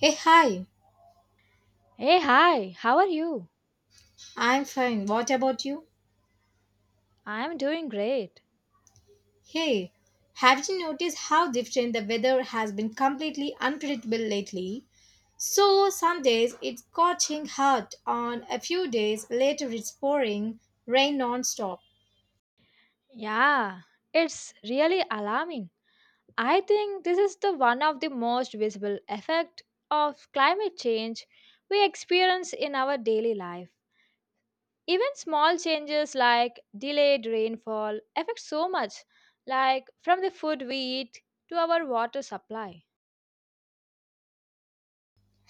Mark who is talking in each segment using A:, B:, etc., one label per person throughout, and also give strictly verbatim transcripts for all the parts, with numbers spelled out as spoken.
A: Hey, hi.
B: Hey, hi, how are you?
A: I'm fine. What about you?
B: I'm doing great.
A: Hey, have you noticed how different the weather has been completely unpredictable lately? So, some days it's scorching hot, on a few days later it's pouring rain non-stop.
B: Yeah, it's really alarming. I think this is the one of the most visible effect of climate change we experience in our daily life. Even small changes like delayed rainfall affect so much, like from the food we eat to our water supply.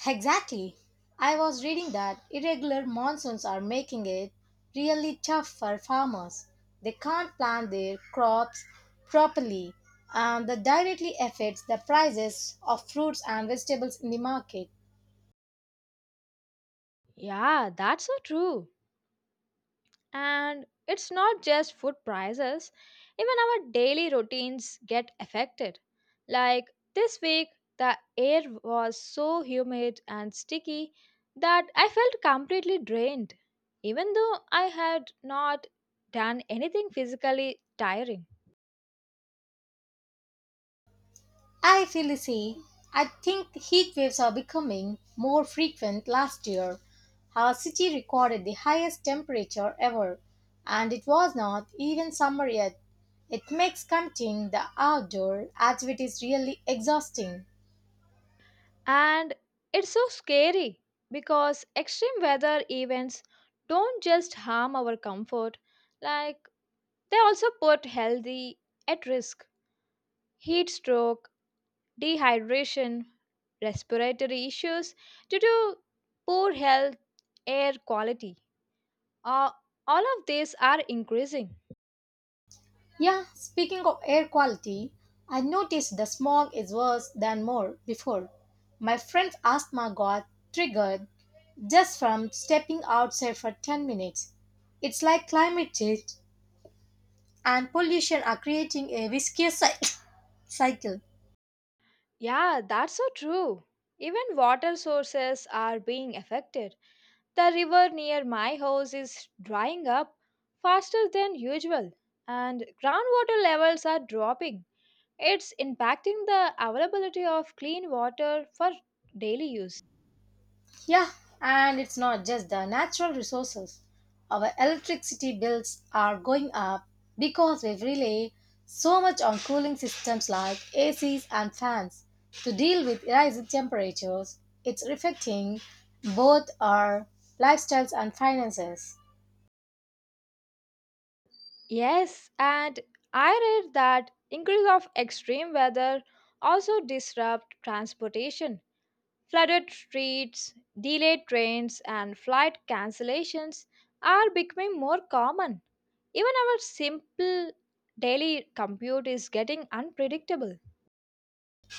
A: Exactly. I was reading that irregular monsoons are making it really tough for farmers. They can't plant their crops properly, and that directly affects the prices of fruits and vegetables in the market.
B: Yeah, that's so true. And it's not just food prices, even our daily routines get affected. Like this week, the air was so humid and sticky that I felt completely drained, even though I had not done anything physically tiring.
A: I feel the same. I think heat waves are becoming more frequent. Last year, our city recorded the highest temperature ever, and it was not even summer yet. It makes counting the outdoor activities really exhausting.
B: And it's so scary because extreme weather events don't just harm our comfort, like, they also put healthy at risk, heat stroke, dehydration, respiratory issues due to poor health, air quality. Uh, all of these are increasing.
A: Yeah, speaking of air quality, I noticed the smog is worse than more before. My friend's asthma got triggered just from stepping outside for ten minutes. It's like climate change and pollution are creating a viscous cy- cycle.
B: Yeah, that's so true. Even water sources are being affected. The river near my house is drying up faster than usual, and groundwater levels are dropping. It's impacting the availability of clean water for daily use.
A: Yeah, and it's not just the natural resources. Our electricity bills are going up because we rely so much on cooling systems like A Cs and fans to deal with rising temperatures. It's affecting both our lifestyles and finances.
B: Yes, and I read that increase of extreme weather also disrupt transportation. Flooded streets, delayed trains, and flight cancellations are becoming more common. Even our simple daily commute is getting unpredictable.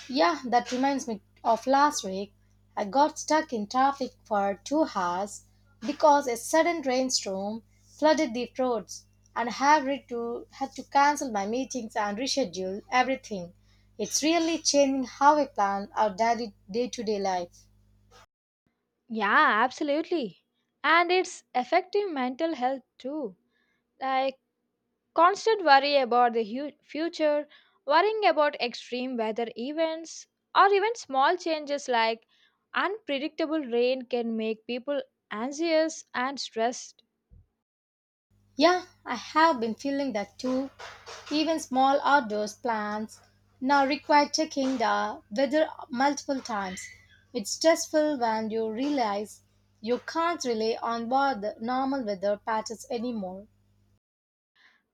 A: Yeah, that reminds me of last week. I got stuck in traffic for two hours because a sudden rainstorm flooded the roads and had re- to had to cancel my meetings and reschedule everything. It's really changing how we plan our daily day-to-day life.
B: Yeah, absolutely. And it's affecting mental health too. Like, constant worry about the hu- future, worrying about extreme weather events, or even small changes like unpredictable rain can make people anxious and stressed.
A: Yeah, I have been feeling that too. Even small outdoor plants now require checking the weather multiple times. It's stressful when you realize you can't rely on what the normal weather patterns anymore.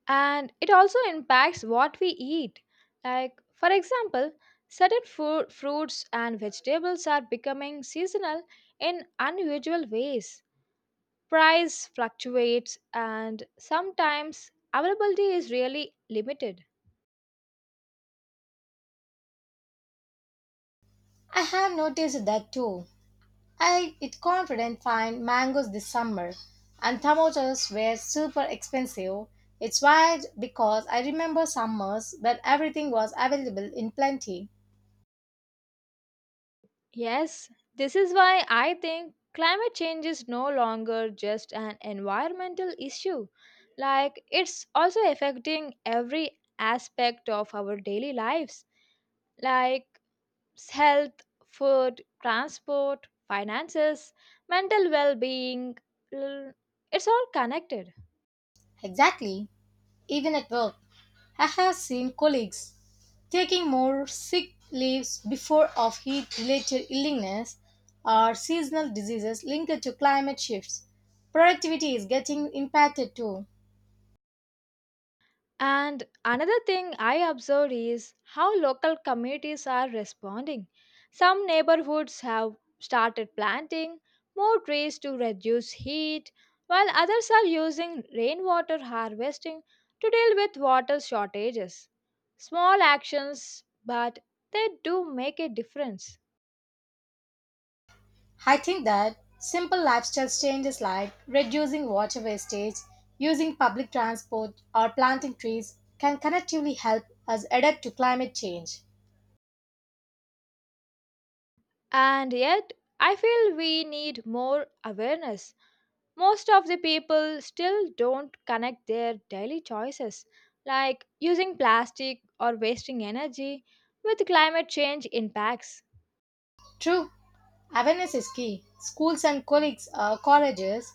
B: And it also impacts what we eat. Like, for example, certain food, fruits and vegetables are becoming seasonal in unusual ways. Price fluctuates, and sometimes availability is really limited.
A: I have noticed that too. I it confident find mangoes this summer, and tomatoes were super expensive. It's wild because I remember summers when everything was available in plenty.
B: Yes, this is why I think climate change is no longer just an environmental issue. Like, it's also affecting every aspect of our daily lives, like health, food, transport, finances, mental well being. It's all connected.
A: Exactly. Even at work, I have seen colleagues taking more sick leaves before of heat related illness or seasonal diseases linked to climate shifts. Productivity is getting impacted too.
B: And another thing I observed is how local communities are responding. Some neighborhoods have started planting more trees to reduce heat, while others are using rainwater harvesting to deal with water shortages. Small actions, but they do make a difference.
A: I think that simple lifestyle changes like reducing water wastage, using public transport, or planting trees can collectively help us adapt to climate change.
B: And yet, I feel we need more awareness. Most of the people still don't connect their daily choices, like using plastic or wasting energy, with climate change impacts.
A: True, awareness is key. Schools and colleagues, uh, colleges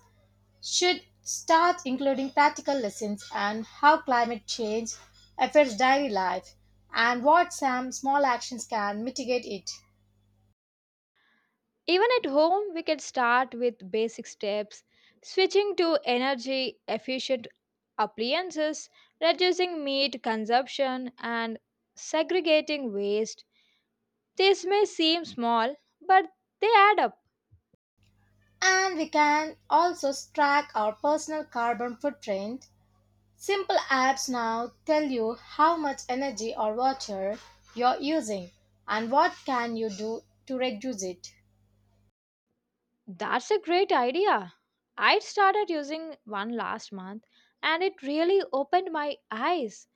A: should start including practical lessons on how climate change affects daily life and what some small actions can mitigate it.
B: Even at home, we can start with basic steps: switching to energy efficient appliances, reducing meat consumption, and segregating waste. This may seem small, but they add up.
A: And we can also track our personal carbon footprint. Simple apps now tell you how much energy or water you're using and what can you do to reduce it.
B: That's a great idea. I started using one last month and it really opened my eyes.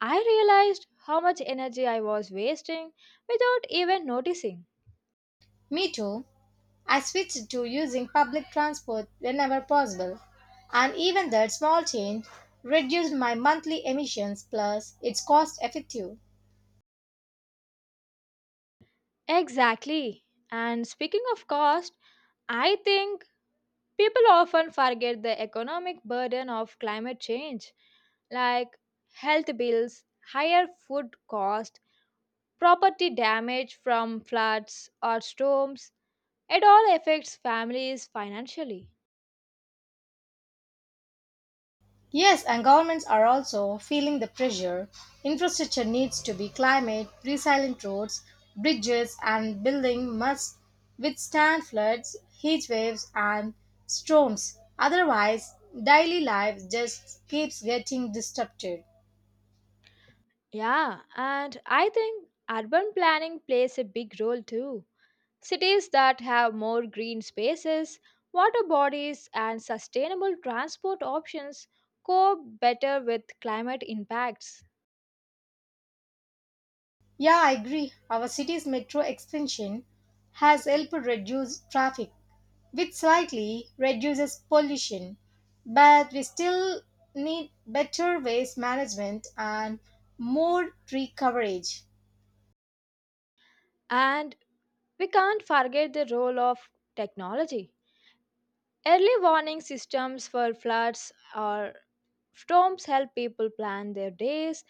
B: I realized how much energy I was wasting without even noticing.
A: Me too. I switched to using public transport whenever possible, and even that small change reduced my monthly emissions plus it's cost effective.
B: Exactly. And speaking of cost, I think people often forget the economic burden of climate change, like health bills, higher food cost, property damage from floods or storms. It all affects families financially.
A: Yes, and governments are also feeling the pressure. Infrastructure needs to be climate resilient roads, bridges, and buildings must withstand floods, heat waves, and storms. Otherwise, daily life just keeps getting disrupted.
B: Yeah, and I think urban planning plays a big role too. Cities that have more green spaces, water bodies, and sustainable transport options cope better with climate impacts.
A: Yeah, I agree. Our city's metro expansion has helped reduce traffic, which slightly reduces pollution, but we still need better waste management and more tree coverage.
B: And we can't forget the role of technology. Early warning systems for floods or storms help people plan their days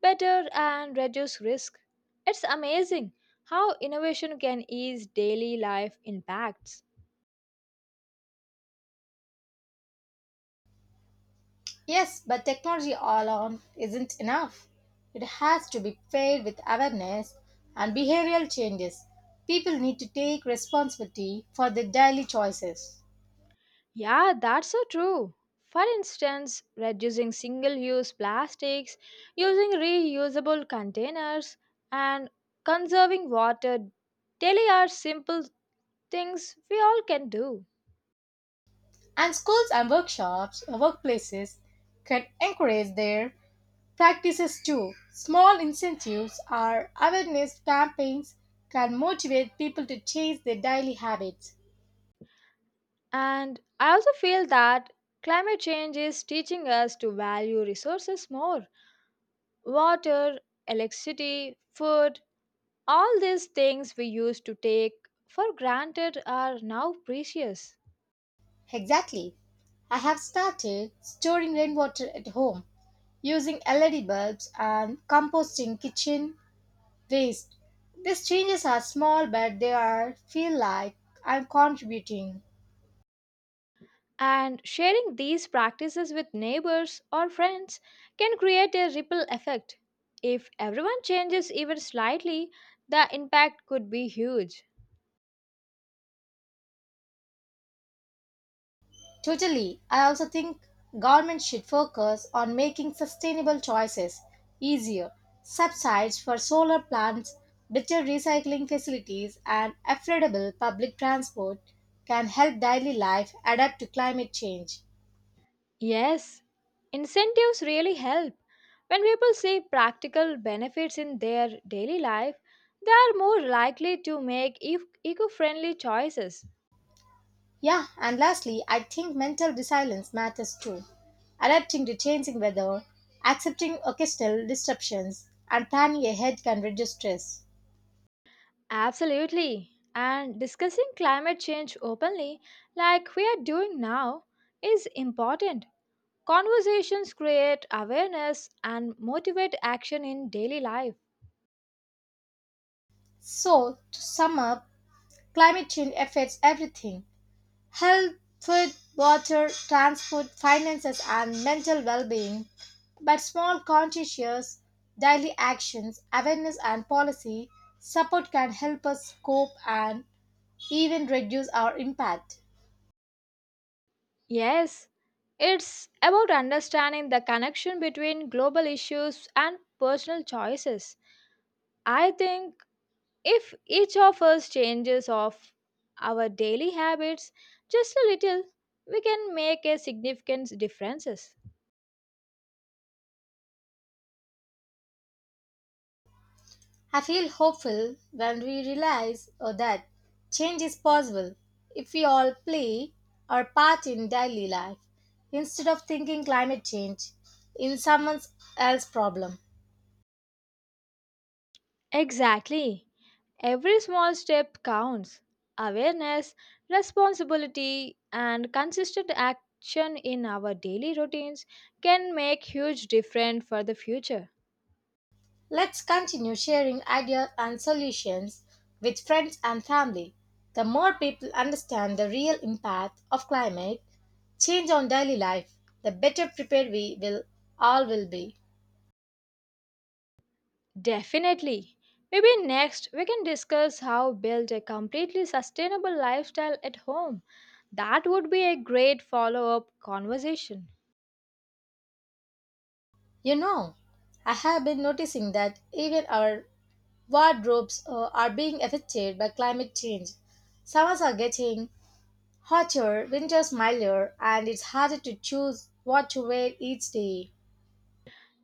B: better and reduce risk. It's amazing how innovation can ease daily life impacts.
A: Yes, but technology alone isn't enough. It has to be paired with awareness and behavioral changes. People need to take responsibility for their daily choices.
B: Yeah, that's so true. For instance, reducing single use plastics, using reusable containers, and conserving water daily are simple things we all can do.
A: And schools and workshops, uh, workplaces can encourage their practices too. Small incentives or awareness campaigns can motivate people to change their daily habits.
B: And I also feel that climate change is teaching us to value resources more, water, electricity, food. All these things we used to take for granted are now precious.
A: Exactly. I have started storing rainwater at home, using L E D bulbs, and composting kitchen waste. These changes are small, but they are feel like I'm contributing.
B: And sharing these practices with neighbors or friends can create a ripple effect. If everyone changes even slightly, the impact could be huge.
A: Totally. I also think government should focus on making sustainable choices easier. Subsidies for solar plants, better recycling facilities, and affordable public transport can help daily life adapt to climate change.
B: Yes, incentives really help. When people see practical benefits in their daily life, they are more likely to make eco friendly choices.
A: Yeah, and lastly, I think mental resilience matters too. Adapting to changing weather, accepting occasional disruptions, and planning ahead can reduce stress.
B: Absolutely. And discussing climate change openly, like we are doing now, is important. Conversations create awareness and motivate action in daily life.
A: So, to sum up, climate change affects everything health, food, water, transport, finances, and mental well being. But small, conscientious daily actions, awareness, and policy support can help us cope and even reduce our impact.
B: Yes, it's about understanding the connection between global issues and personal choices. I think if each of us changes of our daily habits just a little, we can make a significant differences.
A: I feel hopeful when we realize oh, that change is possible if we all play our part in daily life instead of thinking climate change in someone else's problem.
B: Exactly. Every small step counts. Awareness, responsibility, and consistent action in our daily routines can make huge difference for the future.
A: Let's continue sharing ideas and solutions with friends and family. The more people understand the real impact of climate change on daily life, the better prepared we will all will be.
B: Definitely. Maybe next we can discuss how build a completely sustainable lifestyle at home. That would be a great follow-up conversation.
A: You know, I have been noticing that even our wardrobes uh, are being affected by climate change. Summers are getting hotter, winters milder, and it's harder to choose what to wear each day.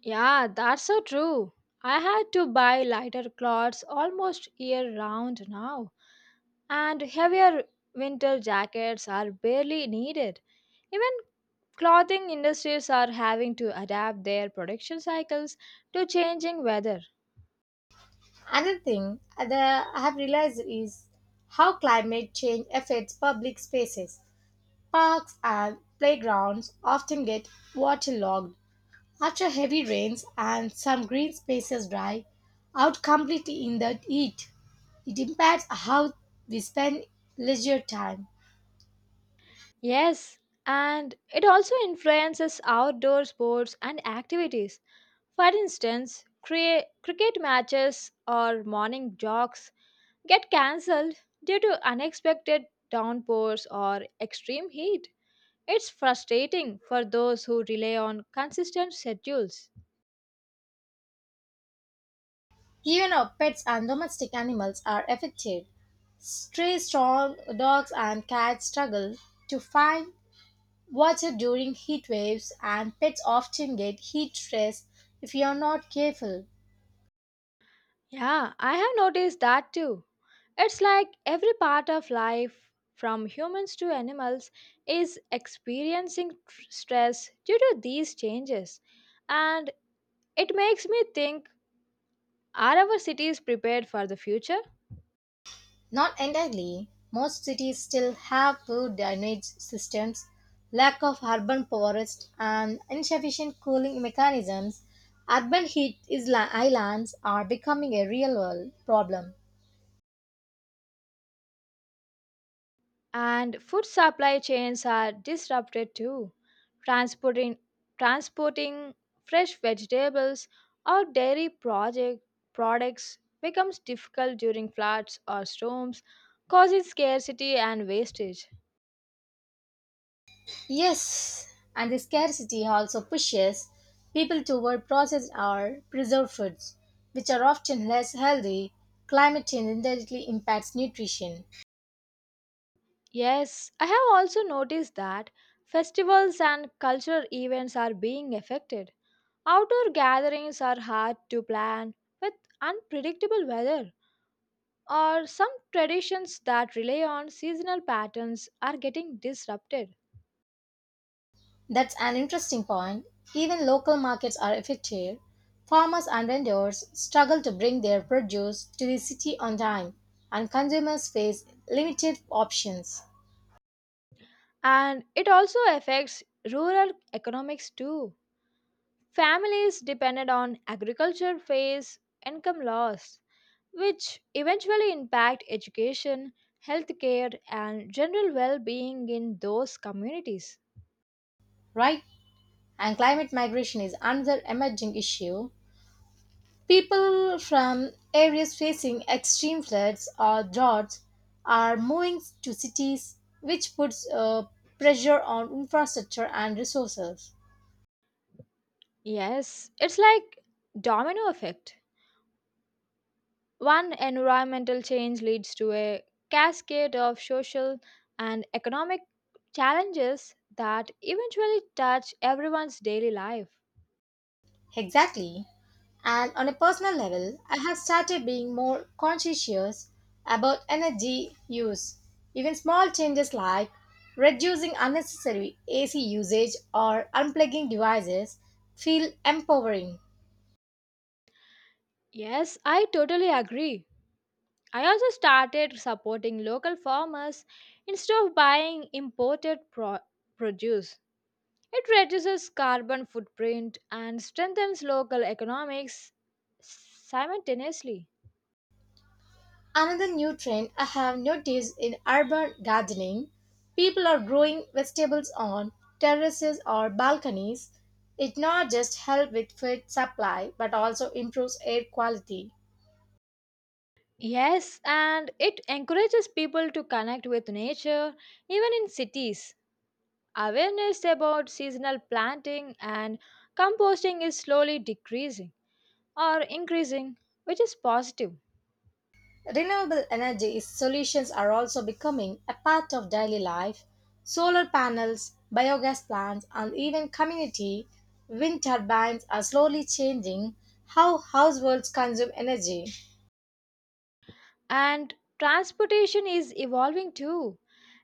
B: Yeah, that's so true. I had to buy lighter clothes almost year round now, and heavier winter jackets are barely needed. Even clothing industries are having to adapt their production cycles to changing weather.
A: Another thing that I have realized is how climate change affects public spaces. Parks and playgrounds often get waterlogged after heavy rains, and some green spaces dry out completely in the heat. It impacts how we spend leisure time.
B: Yes, and it also influences outdoor sports and activities. For instance, crea- cricket matches or morning jogs get cancelled due to unexpected downpours or extreme heat. It's frustrating for those who rely on consistent schedules.
A: Even our pets and domestic animals are affected. Stray strong dogs and cats struggle to find water during heat waves, and pets often get heat stress if you are not careful.
B: Yeah, I have noticed that too. It's like every part of life, from humans to animals, is experiencing tr- stress due to these changes. And it makes me think, are our cities prepared for the future?
A: Not entirely, most cities still have poor drainage systems, lack of urban forests, and insufficient cooling mechanisms. Urban heat is- islands are becoming a real world problem.
B: And food supply chains are disrupted too. Transporting, transporting fresh vegetables or dairy project products becomes difficult during floods or storms, causing scarcity and wastage.
A: Yes, and the scarcity also pushes people toward processed or preserved foods, which are often less healthy. Climate change indirectly impacts nutrition.
B: Yes, I have also noticed that festivals and cultural events are being affected. Outdoor gatherings are hard to plan with unpredictable weather, or some traditions that rely on seasonal patterns are getting disrupted.
A: That's an interesting point. Even local markets are affected. Farmers and vendors struggle to bring their produce to the city on time, and consumers face limited options,
B: And it also affects rural economics too. Families dependent on agriculture face income loss, which eventually impact education, healthcare, and general well being in those communities.
A: right? And climate migration is another emerging issue. People from areas facing extreme floods or droughts are moving to cities, which puts uh, pressure on infrastructure and resources.
B: Yes, it's like domino effect. One environmental change leads to a cascade of social and economic challenges that eventually touch everyone's daily life.
A: Exactly. And on a personal level, I have started being more conscientious about energy use. Even small changes like reducing unnecessary A C usage or unplugging devices feel empowering.
B: Yes, I totally agree. I also started supporting local farmers instead of buying imported pro- produce. It reduces carbon footprint and strengthens local economics simultaneously.
A: Another new trend I have noticed in urban gardening people are growing vegetables on terraces or balconies. It not just helps with food supply but also improves air quality.
B: Yes, and it encourages people to connect with nature even in cities. Awareness about seasonal planting and composting is slowly decreasing or increasing, which is positive.
A: Renewable energy solutions are also becoming a part of daily life. Solar panels, biogas plants, and even community wind turbines are slowly changing how households consume energy.
B: And transportation is evolving too.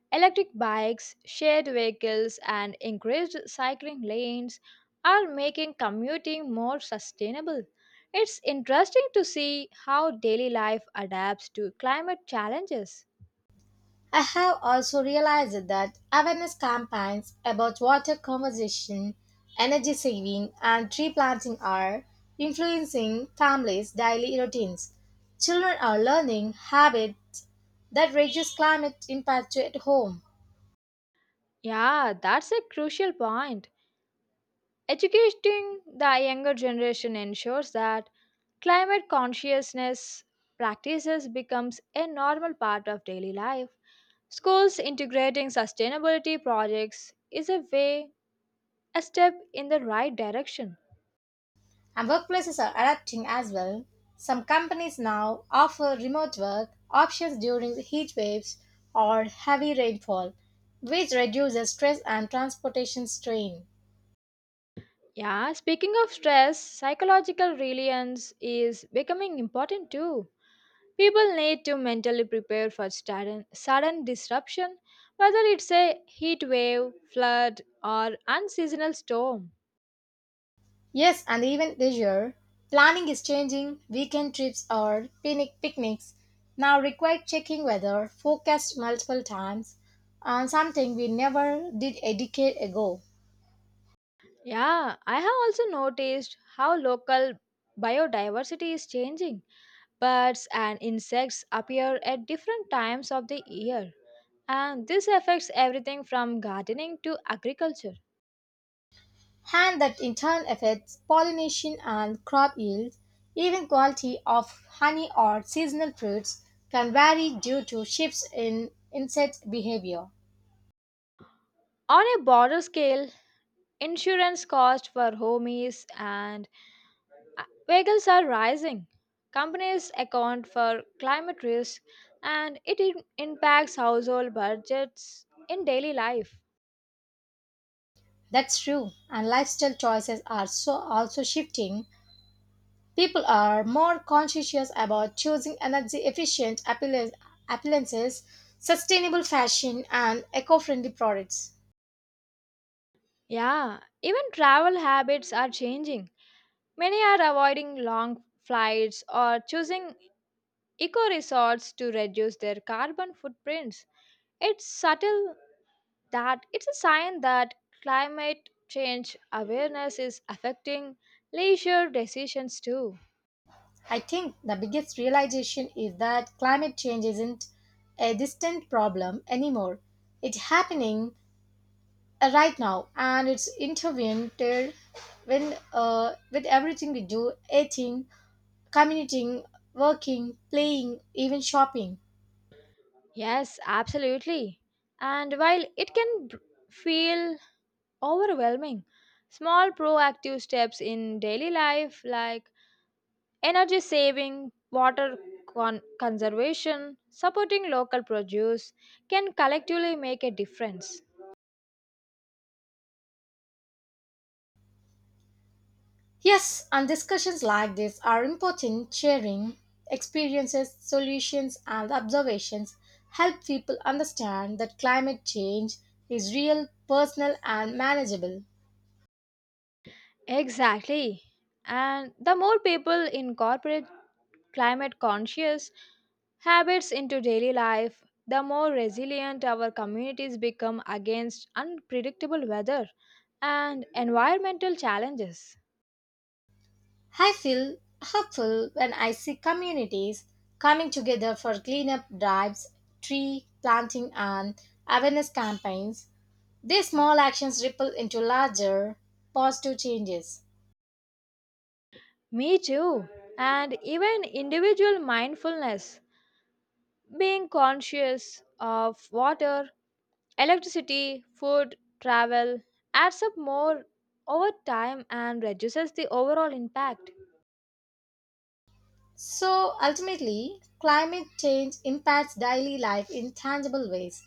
B: Electric bikes, shared vehicles, and increased cycling lanes are making commuting more sustainable. It's interesting to see how daily life adapts to climate challenges.
A: I have also realized that awareness campaigns about water conservation, energy saving, and tree planting are influencing families' daily routines. Children are learning habits that reduce climate impact at home,
B: Yeah, that's a crucial point. Educating the younger generation ensures that climate consciousness practices becomes a normal part of daily life. Schools integrating sustainability projects is a way, a step in the right direction.
A: and workplaces are adapting as well. Some companies now offer remote work options during the heat waves or heavy rainfall, which reduces stress and transportation strain.
B: Yeah, speaking of stress, psychological resilience is becoming important too. People need to mentally prepare for sudden, sudden disruption, whether it's a heat wave, flood, or unseasonal storm.
A: Yes, and even this year, planning is changing. Weekend trips or picnic picnics now require checking weather, forecast multiple times, and something we never did a decade ago.
B: Yeah, I have also noticed how local biodiversity is changing. Birds and insects appear at different times of the year, and this affects everything from gardening to agriculture.
A: And that in turn affects pollination and crop yields. Even quality of honey or seasonal fruits can vary due to shifts in insect behavior.
B: On a broader scale, insurance costs for homies and, Uh, vehicles are rising. Companies account for climate risk and it im- impacts household budgets in daily life.
A: That's true, and lifestyle choices are so also shifting. People are more conscientious about choosing energy efficient appliances, sustainable fashion, and eco friendly products.
B: Yeah, even travel habits are changing. Many are avoiding long flights or choosing eco resorts to reduce their carbon footprints. It's subtle that it's a sign that climate change awareness is affecting leisure decisions too.
A: I think the biggest realization is that climate change isn't a distant problem anymore. It's happening uh, right now and it's intervened when, uh, with everything we do eating, commuting, working, playing, even shopping.
B: Yes, absolutely. And while it can b- feel overwhelming, small proactive steps in daily life like energy saving, water con- conservation, supporting local produce can collectively make a difference.
A: Yes, and discussions like this are important. Sharing experiences, solutions, and observations help people understand that climate change is real, personal, and manageable.
B: Exactly. And the more people incorporate climate conscious habits into daily life, the more resilient our communities become against unpredictable weather and environmental challenges.
A: I feel hopeful when I see communities coming together for cleanup drives, tree planting, and awareness campaigns. These small actions ripple into larger, positive changes.
B: Me too. And even individual mindfulness, being conscious of water, electricity, food, travel adds up more over time and reduces the overall impact.
A: So ultimately, climate change impacts daily life in tangible ways,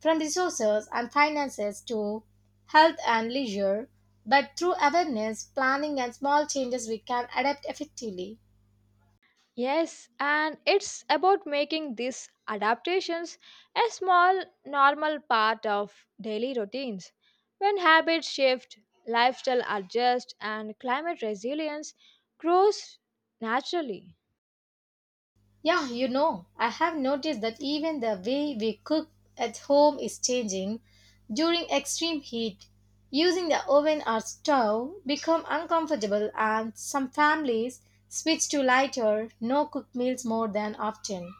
A: from resources and finances to health and leisure. But through awareness, planning, and small changes, we can adapt effectively.
B: Yes, and it's about making these adaptations a small, normal part of daily routines. When habits shift, lifestyle adjusts, and climate resilience grows naturally.
A: Yeah, you know, I have noticed that even the way we cook at home is changing. During extreme heat, using the oven or stove become uncomfortable and some families switch to lighter, no cook meals more than often.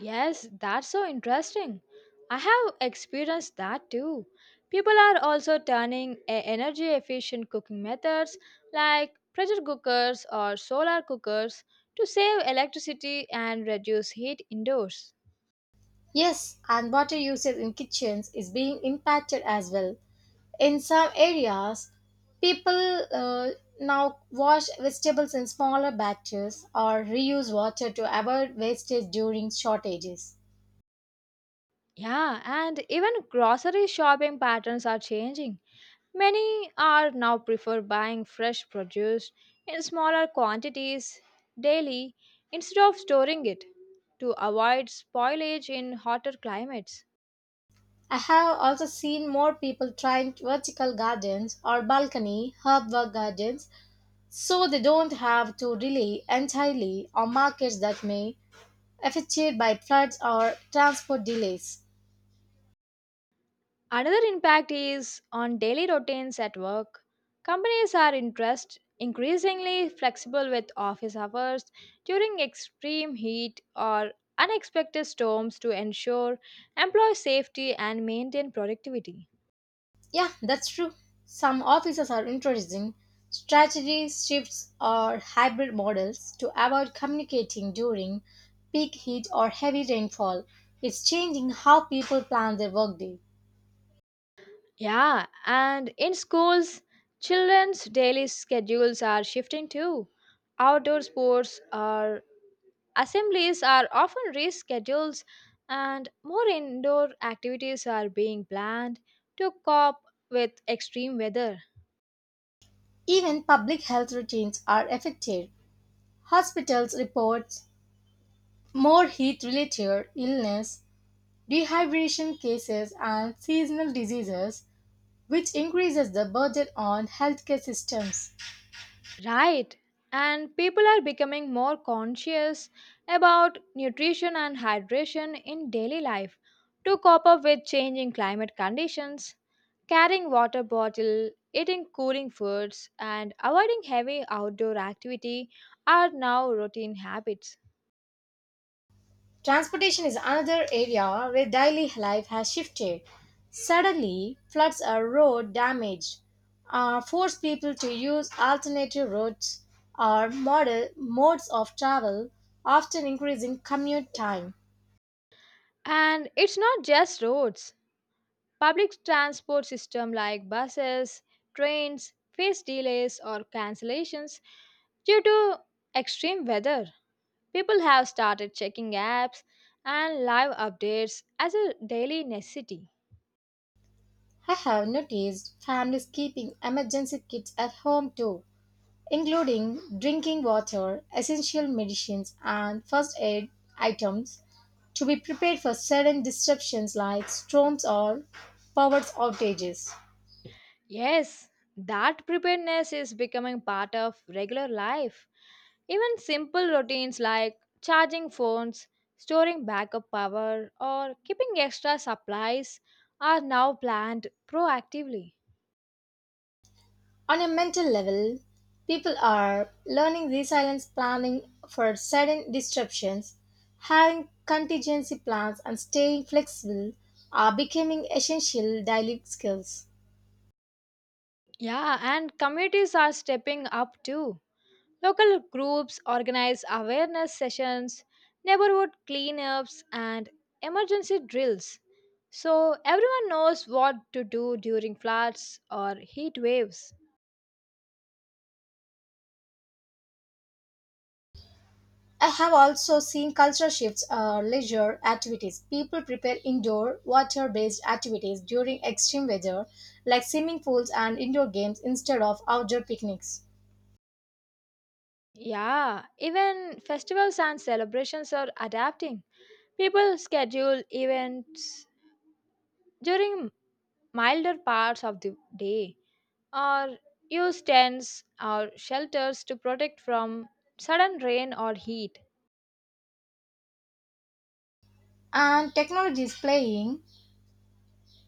B: Yes, that's so interesting. I have experienced that too. People are also turning e- energy efficient cooking methods like pressure cookers or solar cookers to save electricity and reduce heat indoors.
A: Yes, and water usage in kitchens is being impacted as well. In some areas people uh, now wash vegetables in smaller batches or reuse water to avoid wastage during shortages.
B: Yeah, and even grocery shopping patterns are changing. Many are now prefer buying fresh produce in smaller quantities daily instead of storing it to avoid spoilage in hotter climates.
A: I have also seen more people trying vertical gardens or balcony herb gardens so they don't have to rely entirely on markets that may affected by floods or transport delays.
B: Another impact is on daily routines at work. Companies are interest increasingly flexible with office hours during extreme heat or unexpected storms to ensure employee safety and maintain productivity.
A: Yeah, that's true. Some offices are introducing strategy shifts or hybrid models to avoid communicating during peak heat or heavy rainfall. It's changing how people plan their workday.
B: Yeah, and in schools, children's daily schedules are shifting too. Outdoor sports or assemblies are often rescheduled, and more indoor activities are being planned to cope with extreme weather.
A: Even public health routines are affected. Hospitals report more heat related illness, dehydration cases, and seasonal diseases, which increases the burden on healthcare systems.
B: Right. And people are becoming more conscious about nutrition and hydration in daily life to cope up with changing climate conditions. Carrying water bottle, eating cooling foods, and avoiding heavy outdoor activity are now routine habits.
A: Transportation is another area where daily life has shifted. Suddenly, floods or road damage uh, force people to use alternative routes or model modes of travel, often increasing commute time.
B: And it's not just roads. Public transport system like buses, trains face delays or cancellations due to extreme weather. People have started checking apps and live updates as a daily necessity.
A: I have noticed families keeping emergency kits at home too, including drinking water, essential medicines, and first aid items to be prepared for sudden disruptions like storms or power outages.
B: Yes, that preparedness is becoming part of regular life. Even simple routines like charging phones, storing backup power, or keeping extra supplies are now planned proactively.
A: On a mental level, people are learning resilience planning for sudden disruptions, having contingency plans, and staying flexible are becoming essential daily skills.
B: Yeah, and communities are stepping up too. Local groups organize awareness sessions, neighborhood cleanups, and emergency drills so everyone knows what to do during floods or heat waves.
A: I have also seen cultural shifts or leisure activities. People prepare indoor water based activities during extreme weather, like swimming pools and indoor games, instead of outdoor picnics.
B: Yeah, even festivals and celebrations are adapting. People schedule events during milder parts of the day or use tents or shelters to protect from sudden rain or heat.
A: And technology is playing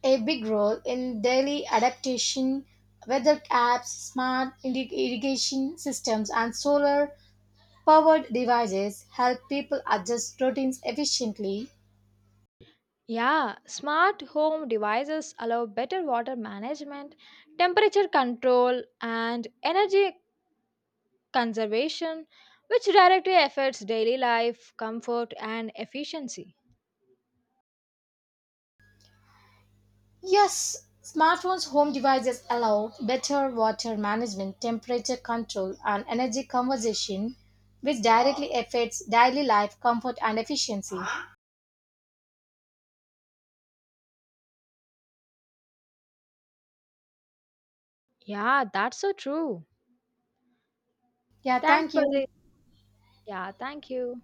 A: a big role in daily adaptation. Weather apps, smart irrig- irrigation systems, and solar powered devices help people adjust routines efficiently.
B: Yeah, smart home devices allow better water management, temperature control, and energy conservation, which directly affects daily life, comfort, and efficiency.
A: Yes, smartphones' home devices allow better water management, temperature control, and energy conservation, which directly affects daily life, comfort, and efficiency.
B: Yeah, that's so true.
A: Yeah,
B: Thanks
A: thank
B: for
A: you.
B: the. Yeah, thank you.